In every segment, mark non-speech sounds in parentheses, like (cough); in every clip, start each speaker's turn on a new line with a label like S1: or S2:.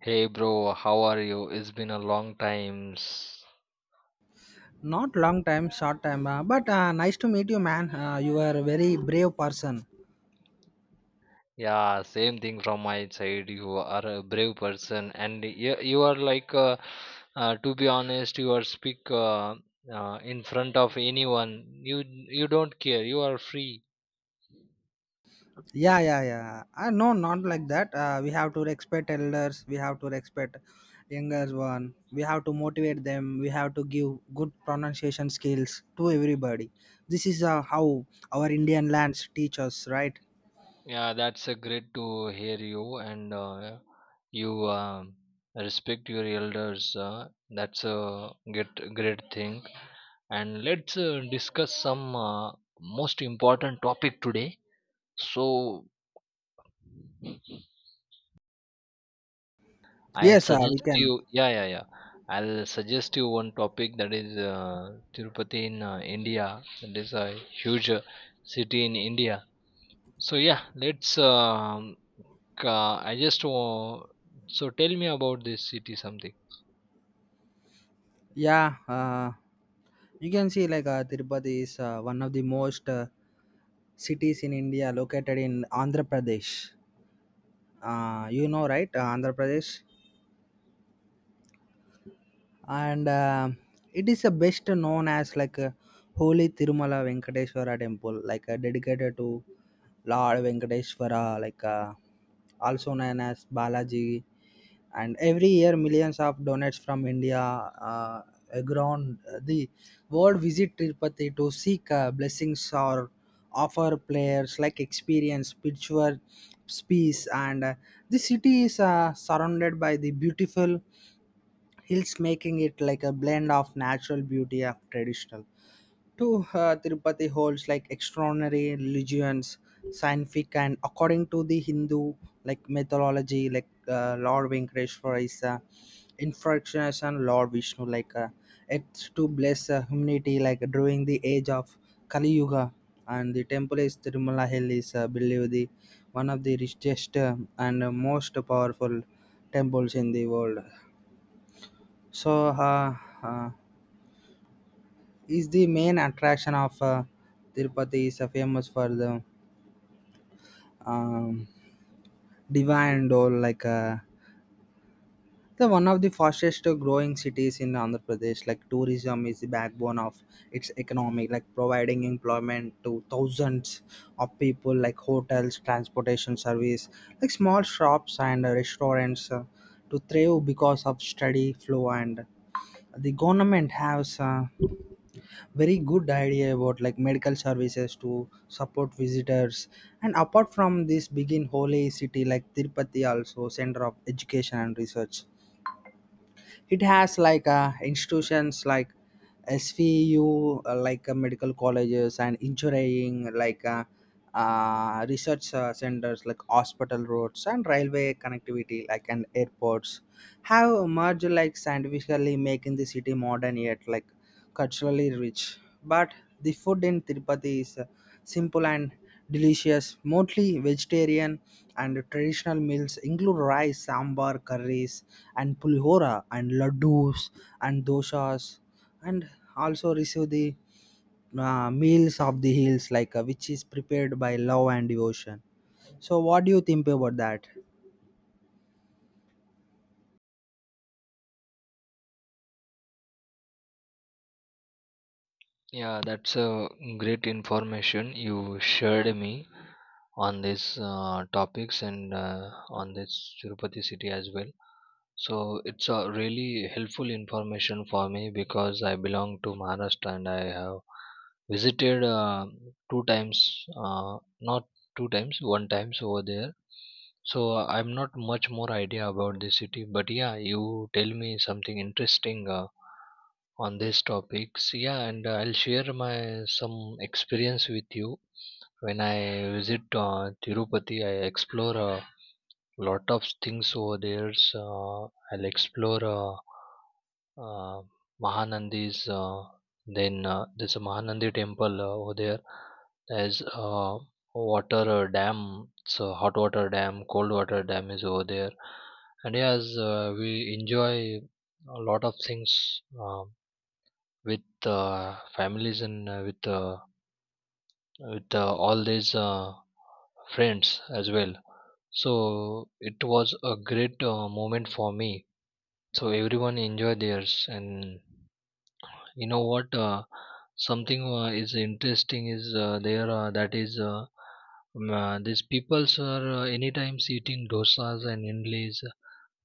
S1: Hey bro, how are you? It's been a long time.
S2: Not long time, short time, but nice to meet you, man. You are a very brave person.
S1: Yeah, same thing from my side. You are a brave person, and you are like, to be honest, you are speak in front of anyone. You you don't care. You are free.
S2: Yeah, yeah, yeah. No, not like that. We have to respect elders. We have to respect younger one. We have to motivate them. We have to give good pronunciation skills to everybody. This is how our Indian lands teach us, right?
S1: Yeah, that's a great to hear you, and you um respect your elders. That's a great thing. And let's discuss some most important topic today. So I
S2: Yes, we
S1: suggest
S2: can.
S1: you, yeah, yeah, yeah. I'll suggest you one topic that is Tirupati in India. That is a huge city in India. So yeah, let's. Ca- I just so tell me about this city something.
S2: Yeah, you can see like Tirupati is one of the most cities in India located in Andhra Pradesh. You know right Andhra Pradesh and it is the best known as like a holy Tirumala Venkateswara temple like dedicated to Lord Venkateswara like also known as Balaji, and every year millions of donates from India uh, around the World visit Tirupati to seek blessings or offer players like experience, spiritual peace, and the city is surrounded by the beautiful hills, making it like a blend of natural beauty of traditional to Tirupati holds like extraordinary religions, scientific, and according to the Hindu like mythology, like Lord Venkateshwara is incarnation Lord Vishnu, like it's to bless humanity, like during the age of Kali Yuga, and the temple is Tirumala Hill is believed the one of the richest and most powerful temples in the world. So. Uh, is the main attraction of Tirupati is famous for the um, divine doll like the one of the fastest growing cities in Andhra Pradesh, like tourism is the backbone of its economy, like providing employment to thousands of people, like hotels, transportation service, like small shops and restaurants to thrive because of steady flow. And the government has very good idea about like medical services to support visitors. And apart from this big in holy city, like Tirupati also center of education and research. It has like institutions like SVU like medical colleges and engineering, like research centers, like hospital, roads and railway connectivity, like and airports have emerged like scientifically, making the city modern yet like culturally rich. But the food in Tirupati is simple and delicious, mostly vegetarian, and traditional meals include rice, sambar, curries, and pulihora, and laddus, and doshas, and also receive the meals of the hills, like which is prepared by love and devotion. So, what do you think about that?
S1: Yeah, that's a great information you shared me on these topics and on this Tirupati city as well. So it's a really helpful information for me because I belong to Maharashtra and I have visited two times, not two times, one times over there. So I'm not much more idea about this city, but yeah, you tell me something interesting. On these topics. Yeah, and I'll share my some experience with you. When I visit Tirupati, I explore a lot of things over there. So, I'll explore uh, Mahanandi's. Then There's a Mahanandi temple over there. There's a water dam. So hot water dam, cold water dam is over there. And yes, we enjoy a lot of things. With families and with all these friends as well, so it was a great moment for me, so everyone enjoyed theirs. And you know what, something is interesting is there that is these peoples are anytime eating dosas and idlis.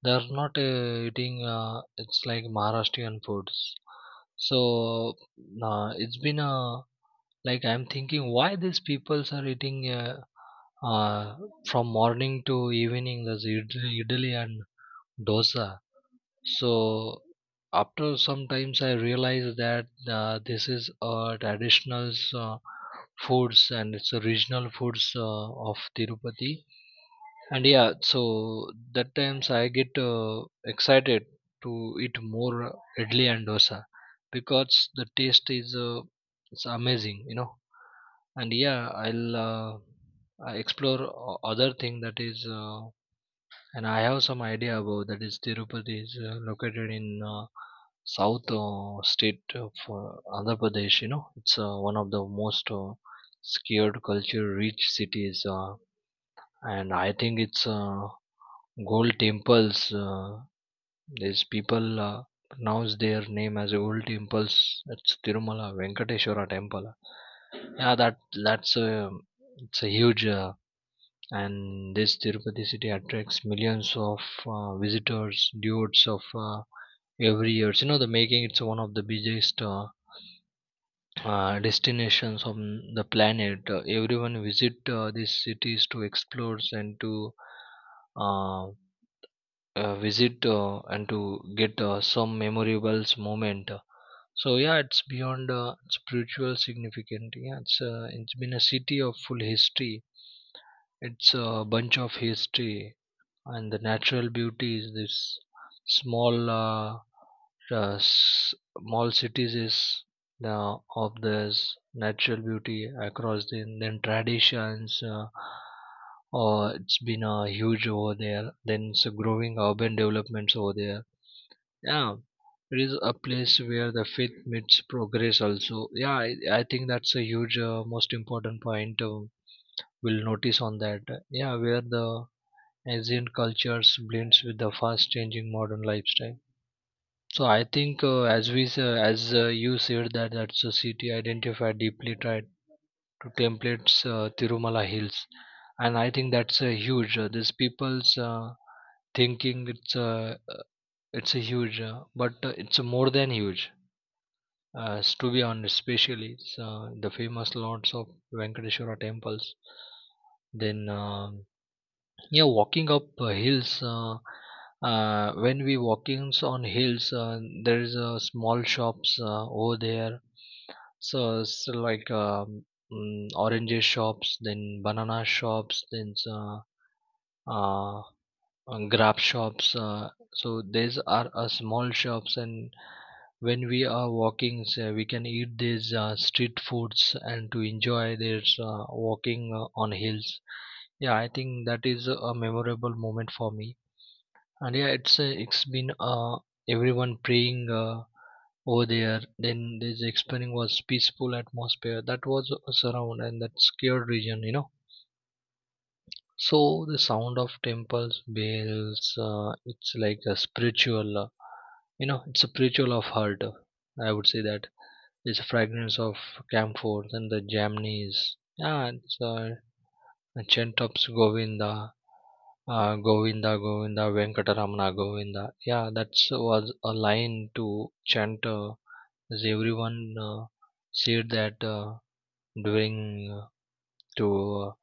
S1: They are not eating it's like Maharashtrian foods. So it's been a, like I'm thinking, why these people are eating uh, from morning to evening the idli and dosa. So after some times, I realized that this is a traditional foods, and it's a regional foods of Tirupati. And yeah, so that times I get excited to eat more idli and dosa, because the taste is it's amazing, you know. And yeah, I explore other thing, that is and I have some idea about, that is Tirupati is located in uh, south state of uh, Andhra Pradesh, you know. It's one of the most scared culture rich cities, and I think it's Gold temples. These people pronounce their name as Gold temples. That's Tirumala Venkateshwara Temple. Yeah, that that's a it's a huge, and this Tirupati city attracts millions of visitors, dudes of every year. You know, the making it's one of the biggest destinations on the planet. Everyone visit these cities to explore and to uh, visit and to get some memorable moment. So yeah, it's beyond spiritual significant. Yeah, it's been a city of full history. It's a bunch of history and the natural beauty is this small small cities is the of this natural beauty across the Indian traditions, or it's been huge over there. Then it's a growing urban developments over there. Yeah, it is a place where the faith meets progress also. I think that's a huge most important point we'll notice on that. Yeah, where the ancient cultures blends with the fast changing modern lifestyle. So I think as you said that, that society identified deeply tried to templates, Tirumala hills, and I think that's a huge. These people's thinking uh, it's a huge, but it's a more than huge. To be honest, especially the famous lords of Venkateshwara temples, then. Yeah, walking up hills. When we walkings on hills, there is a small shops over there. So it's like oranges shops, then banana shops, then uh, grab shops. So these are small shops, and when we are walking, so we can eat these street foods and to enjoy this walking on hills. Yeah, I think that is a memorable moment for me. And yeah, it's been everyone praying over there. Then this experience was peaceful atmosphere that was surround, and that scared region, you know. So the sound of temples bells, it's like a spiritual, you know, it's a spiritual of heart, I would say that, it's a fragrance of camphor and the jamneys. Yeah, it's chant ups Govinda, Govinda, Govinda, Venkataramana, Govinda. Yeah, that was a line to chant as everyone said that during to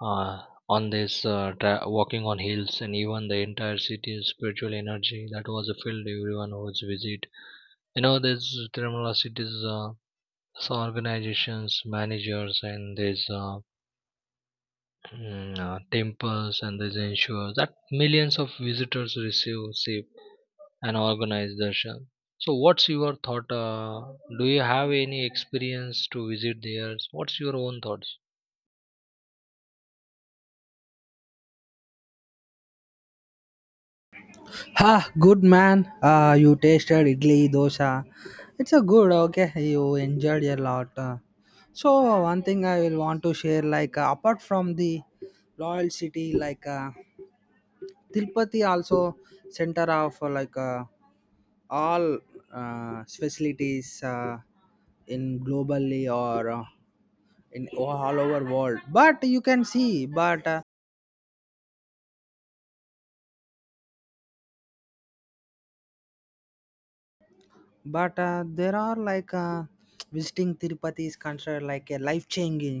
S1: on this walking on hills, and even the entire city's spiritual energy that was filled, everyone was visit. You know, there's Tirumala city's so organizations, managers, and there's temples, and these ensure that millions of visitors receive safe and organized darshan. So, what's your thought? Do you have any experience to visit there? What's your own thoughts?
S2: Ah, good man. You tasted idli dosa. It's a good. Okay, you enjoyed a lot. So one thing I will want to share, like apart from the royal city, like Tirupati also center of like all facilities in globally or in all over world. But you can see, but there are like (tsk) visiting Tirupati is considered like a life changing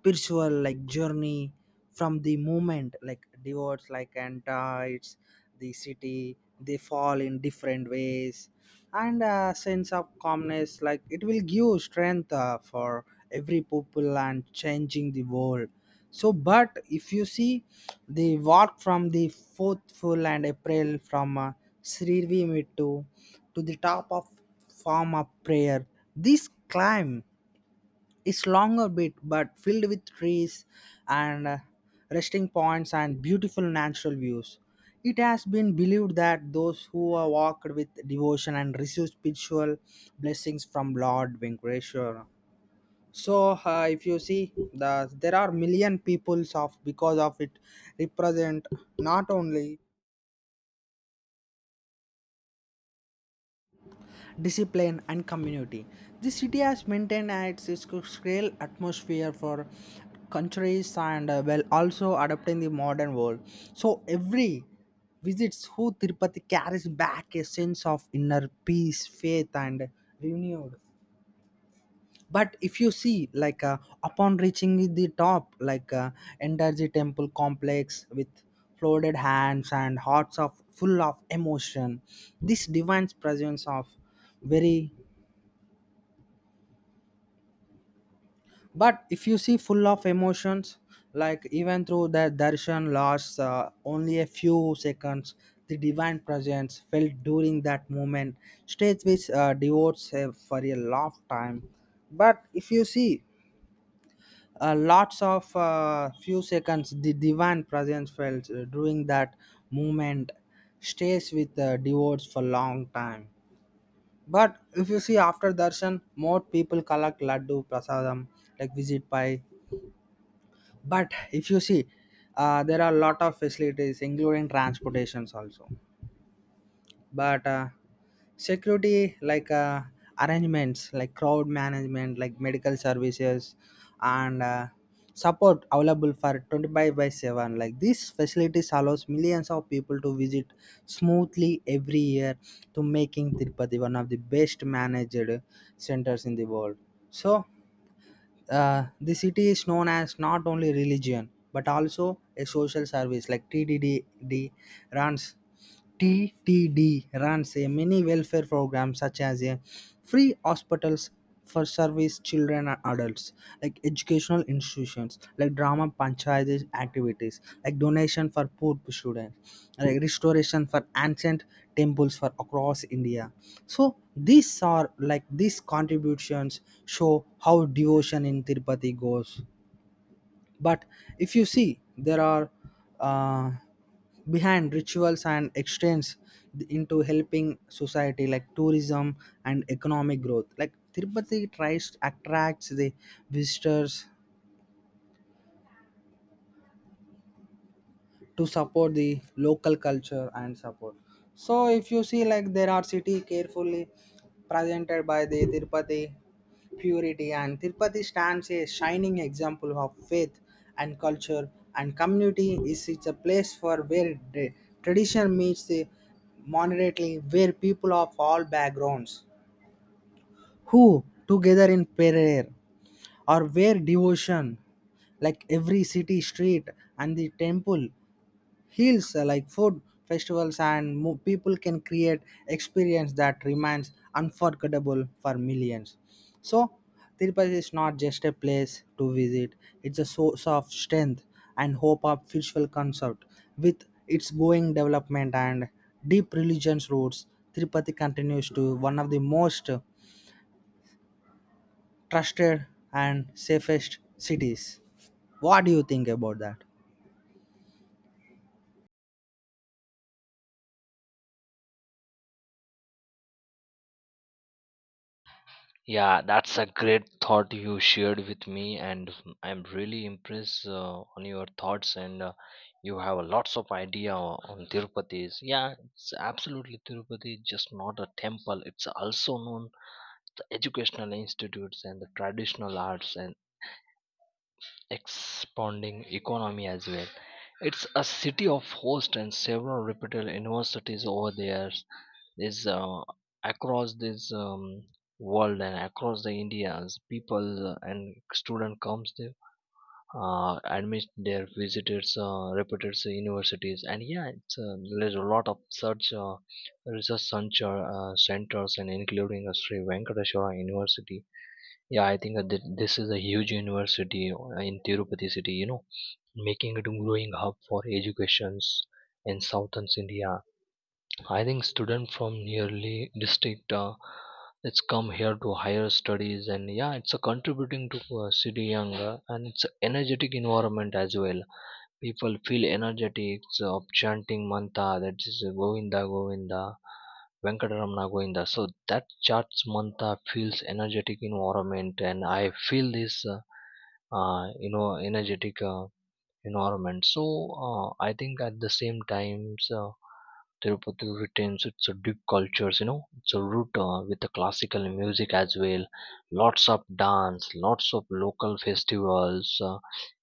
S2: spiritual like journey. From the moment like devotes like enters the city, they fall in different ways and a sense of calmness like it will give strength for every people and changing the world. So but if you see the walk from the fourth full and april from srirvi mittu to the top of form of prayer, this climb it's longer bit but filled with trees and resting points and beautiful natural views. It has been believed that those who are walked with devotion and received spiritual blessings from Lord Venkateshwara. So, if you see, the, there are million peoples of because of it represent not only discipline and community. This city has maintained its scale atmosphere for countries and well also adapting the modern world. So every visits who Tirupati carries back a sense of inner peace, faith and renewed. But if you see, like upon reaching the top, like enter the temple complex with folded hands and hearts of full of emotion, this divine presence of very, but if you see full of emotions like even through the darshan lasts only a few seconds, the divine presence felt during that moment stays with devotes for a long time. But if you see lots of few seconds, the divine presence felt during that moment stays with devotes for long time. But if you see after darshan more people collect laddu prasadam like visit by. But if you see there are a lot of facilities including transportations also. But security like arrangements, like crowd management, like medical services and support available for 25 by 7, like these facilities allows millions of people to visit smoothly every year, to making Tirupati one of the best managed centers in the world. So the city is known as not only religion but also a social service like tddd runs TTD runs a mini welfare program such as a free hospitals for service children and adults, like educational institutions, like drama panchayat activities, like donation for poor students, like restoration for ancient temples for across India. So these are like these contributions show how devotion in Tirupati goes. But if you see there are uh, behind rituals and exchange into helping society, like tourism and economic growth, like Tirupati tries attracts the visitors to support the local culture and support. So if you see like there are city carefully presented by the Tirupati purity, and Tirupati stands a shining example of faith and culture and community. Is it's a place for where the tradition meets the moderately, where people of all backgrounds who together in prayer or where devotion, like every city street and the temple heals like food festivals and people can create experience that remains unforgettable for millions. So Tirupati is not just a place to visit, it's a source of strength and hope of spiritual concept, with its growing development and deep religious roots. Tirupati continues to one of the most trusted and safest cities. What do you think about that?
S1: Yeah, that's a great thought you shared with me, and I'm really impressed on your thoughts. And you have a lots of idea on Tirupati's. Yeah, it's absolutely Tirupati is just not a temple. It's also known the educational institutes and the traditional arts and expanding economy as well. It's a city of host and several reputable universities over there is across this world, and across the India's people and student comes there admit their visitors reputed universities. And yeah, it's there's a lot of such centers, and including a Sri Venkateshwara University. Yeah, I think that this is a huge university in Tirupati city, you know, making it a growing hub for educations in southern India. I think students from nearly district it's come here to higher studies. And yeah, it's a contributing to city young, and it's a energetic environment as well. People feel energetic so of chanting mantra, that is Govinda Govinda Venkataramana Govinda. So that chants mantra feels energetic environment, and I feel this you know, energetic environment. So I think at the same times, Tirupati retains its deep cultures, you know, its root with the classical music as well. Lots of dance, lots of local festivals,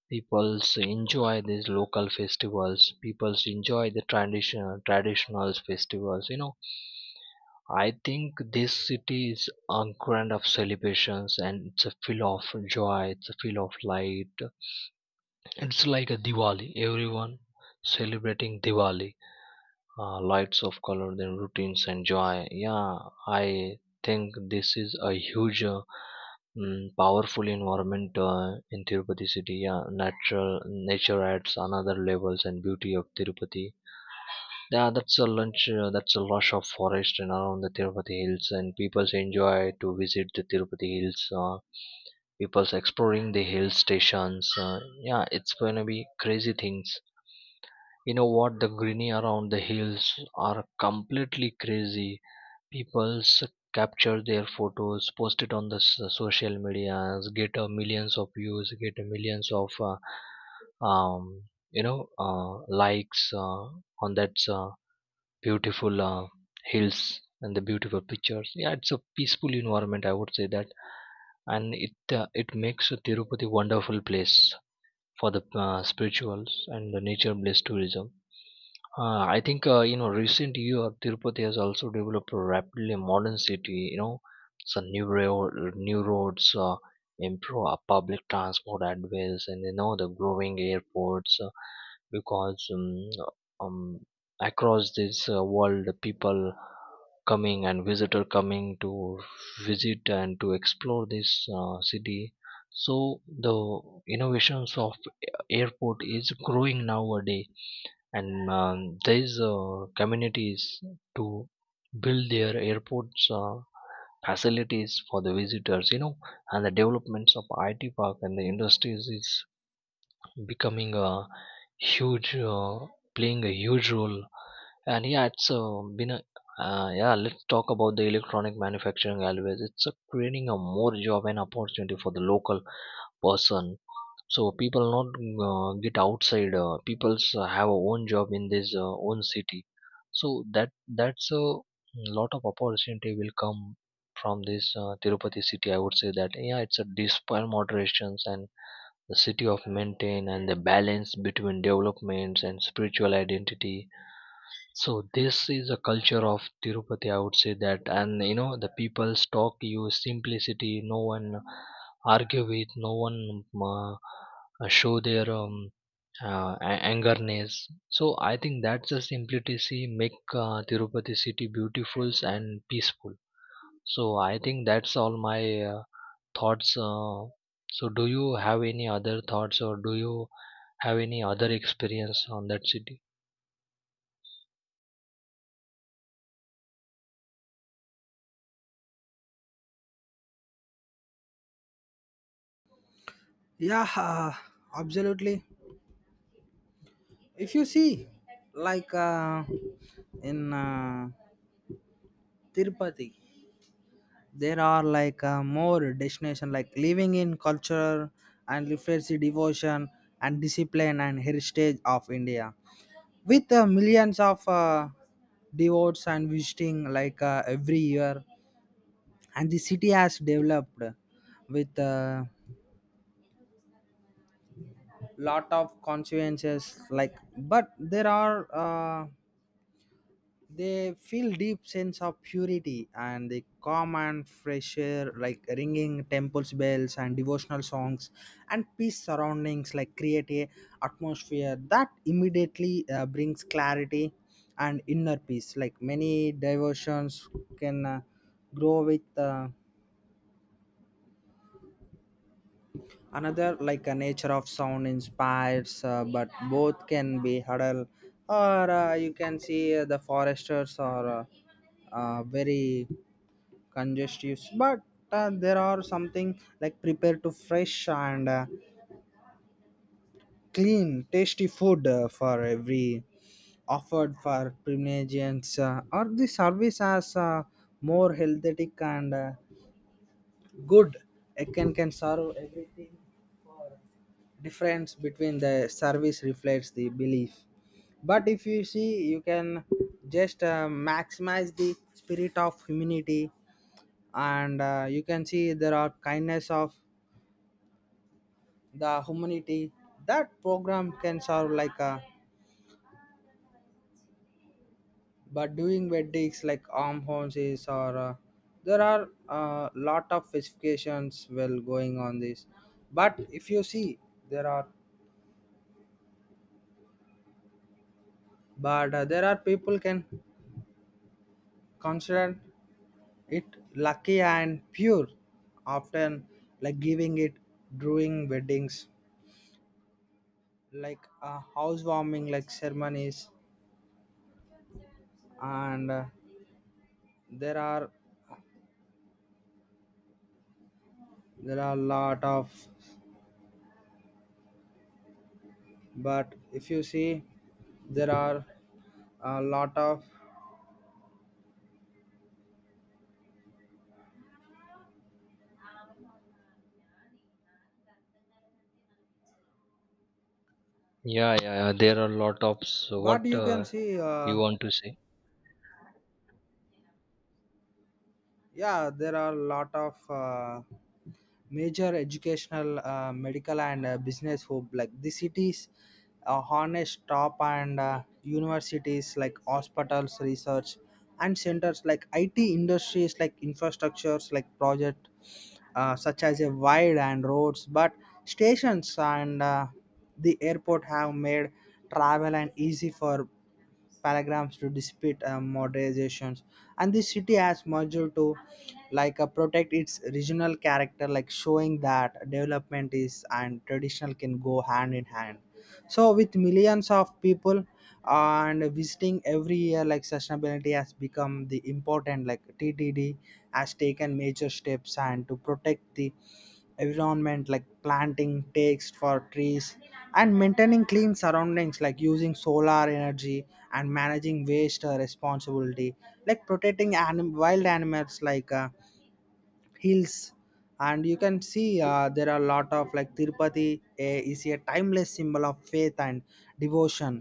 S1: peoples enjoy these local festivals, peoples enjoy the traditional festivals, you know. I think this city is a grand of celebrations, and it's a feel of joy, it's a feel of light, it's like a Diwali, everyone celebrating Diwali, lights of color, then routines and joy. Yeah, I think this is a huge powerful environment in Tirupati city. Yeah, natural nature adds another levels and beauty of Tirupati. Yeah, that's a lunch. That's a rush of forest and around the Tirupati hills, and people enjoy to visit the Tirupati hills. People's exploring the hill stations. Yeah, it's gonna be crazy things. You know what? The greenery around the hills are completely crazy. Peoples capture their photos, post it on the social medias, get millions of views, get millions of um, you know, uh, likes on that beautiful hills and the beautiful pictures. Yeah, it's a peaceful environment, I would say that. And it makes Tirupati wonderful place for the spirituals and the nature based tourism. I think you know, recent year Tirupati has also developed rapidly a modern city. You know, some new rail, new roads, improve public transport adways, and you know, the growing airports. Because um, across this world, the people coming and visitor coming to visit and to explore this city. So the innovations of airport is growing nowadays, and these communities to build their airports facilities for the visitors, you know. And the developments of IT park and the industries is becoming a huge playing a huge role. And yeah, it's been a, yeah, let's talk about the electronic manufacturing always. It's Creating a more job and opportunity for the local person, so people not get outside, people's have a own job in this own city. So that that's a lot of opportunity will come from this Tirupati city, I would say that. Yeah, it's a despite moderations, and the city of maintain and the balance between developments and spiritual identity. So this is a culture of Tirupati, I would say that. And you know, the people talk use simplicity. No one argue with, no one show their angerness. So I think that's the simplicity make Tirupati city beautiful and peaceful. So I think that's all my thoughts. So do you have any other thoughts, or do you have any other experience on that city?
S2: Yeah, absolutely. If you see like in Tirupati, there are like more destination like living in culture and reflects the devotion and discipline and heritage of India, with millions of devotees and visiting like every year. And the city has developed with a lot of consequences like, but there are they feel deep sense of purity and the calm and fresh air, like ringing temples bells and devotional songs and peace surroundings, like create a atmosphere that immediately brings clarity and inner peace. Like many diversions can grow with another like a nature of sound inspires but both can be huddled, or you can see the foresters are very congestive. But there are something like prepared to fresh and clean tasty food for every offered for Primagenians or the service as more healthy and good. It can serve everything. Difference between the service reflects the belief. But if you see you can just maximize the spirit of humanity, and you can see there are kindness of the humanity that program can serve like a, but doing weddings like arm horses, or there are a lot of specifications well going on this. But if you see there are, but there are people can consider it lucky and pure, often like giving it during weddings like a housewarming like ceremonies, and there are, there are a lot of. But if you see there are a lot of,
S1: Yeah, yeah, yeah. There are a lot of, so
S2: but
S1: what
S2: you can see
S1: you want to say.
S2: yeah, there are a lot of major educational medical and business hub, like the cities harness top and universities, like hospitals, research and centers, like it industries, like infrastructures, like project such as a wide and roads, but stations and the airport have made travel and easy for paragraphs to dispute modernizations. And the city has merged to like protect its regional character, like showing that development is and traditional can go hand in hand. So, with millions of people and visiting every year, like sustainability has become the important. Like TTD has taken major steps and to protect the environment, like planting takes for trees and maintaining clean surroundings, like using solar energy and managing waste responsibility, like protecting wild animals, like. Hills. And you can see there are a lot of like Tirupati is a timeless symbol of faith and devotion.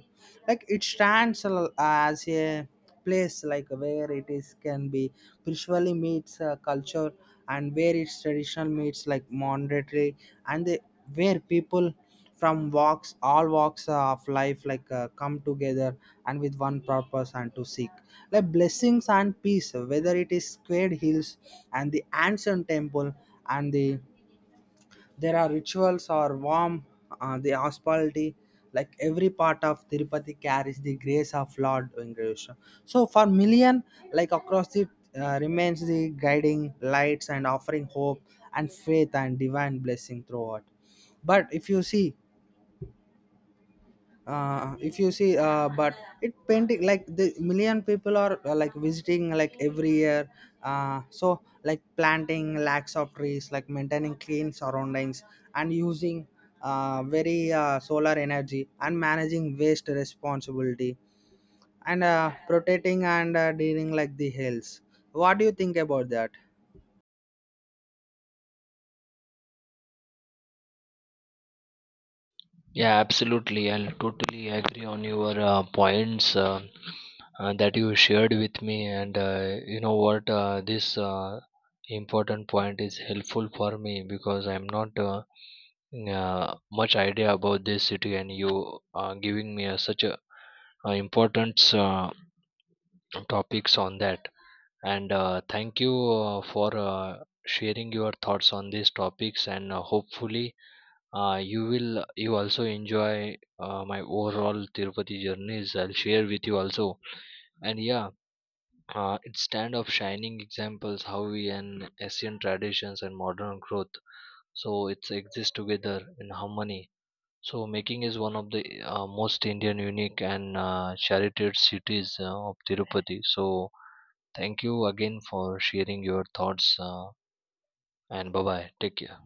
S2: Like it as a place like where it is can be spiritually meets culture and where its traditional meets like monetary, and the, where people from walks all walks of life like come together and with one purpose and to seek like blessings and peace, whether it is squared hills and the ancient temple and the, there are rituals or warm the hospitality, like every part of Tirupati carries the grace of Lord Venkateswara. So for million like across the remains the guiding lights and offering hope and faith and divine blessing throughout. But if you see but it painting like the million people are like visiting like every year. So like planting lakhs of trees, like maintaining clean surroundings and using very solar energy and managing waste responsibility and protecting and dealing like the hills. What do you think about that?
S1: Yeah, absolutely. I'll totally agree on your points, that you shared with me. And you know what? This important point is helpful for me because I'm not much idea about this city, and you are giving me a, such a, important topics on that. And thank you for sharing your thoughts on these topics. And hopefully, you will, you also enjoy my overall Tirupati journeys. I'll share with you also. And yeah, it's stand of shining examples how we and Asian traditions and modern growth. So it's exist together in harmony. So making is one of the most Indian unique and charted cities of Tirupati. So thank you again for sharing your thoughts, and bye bye. Take care.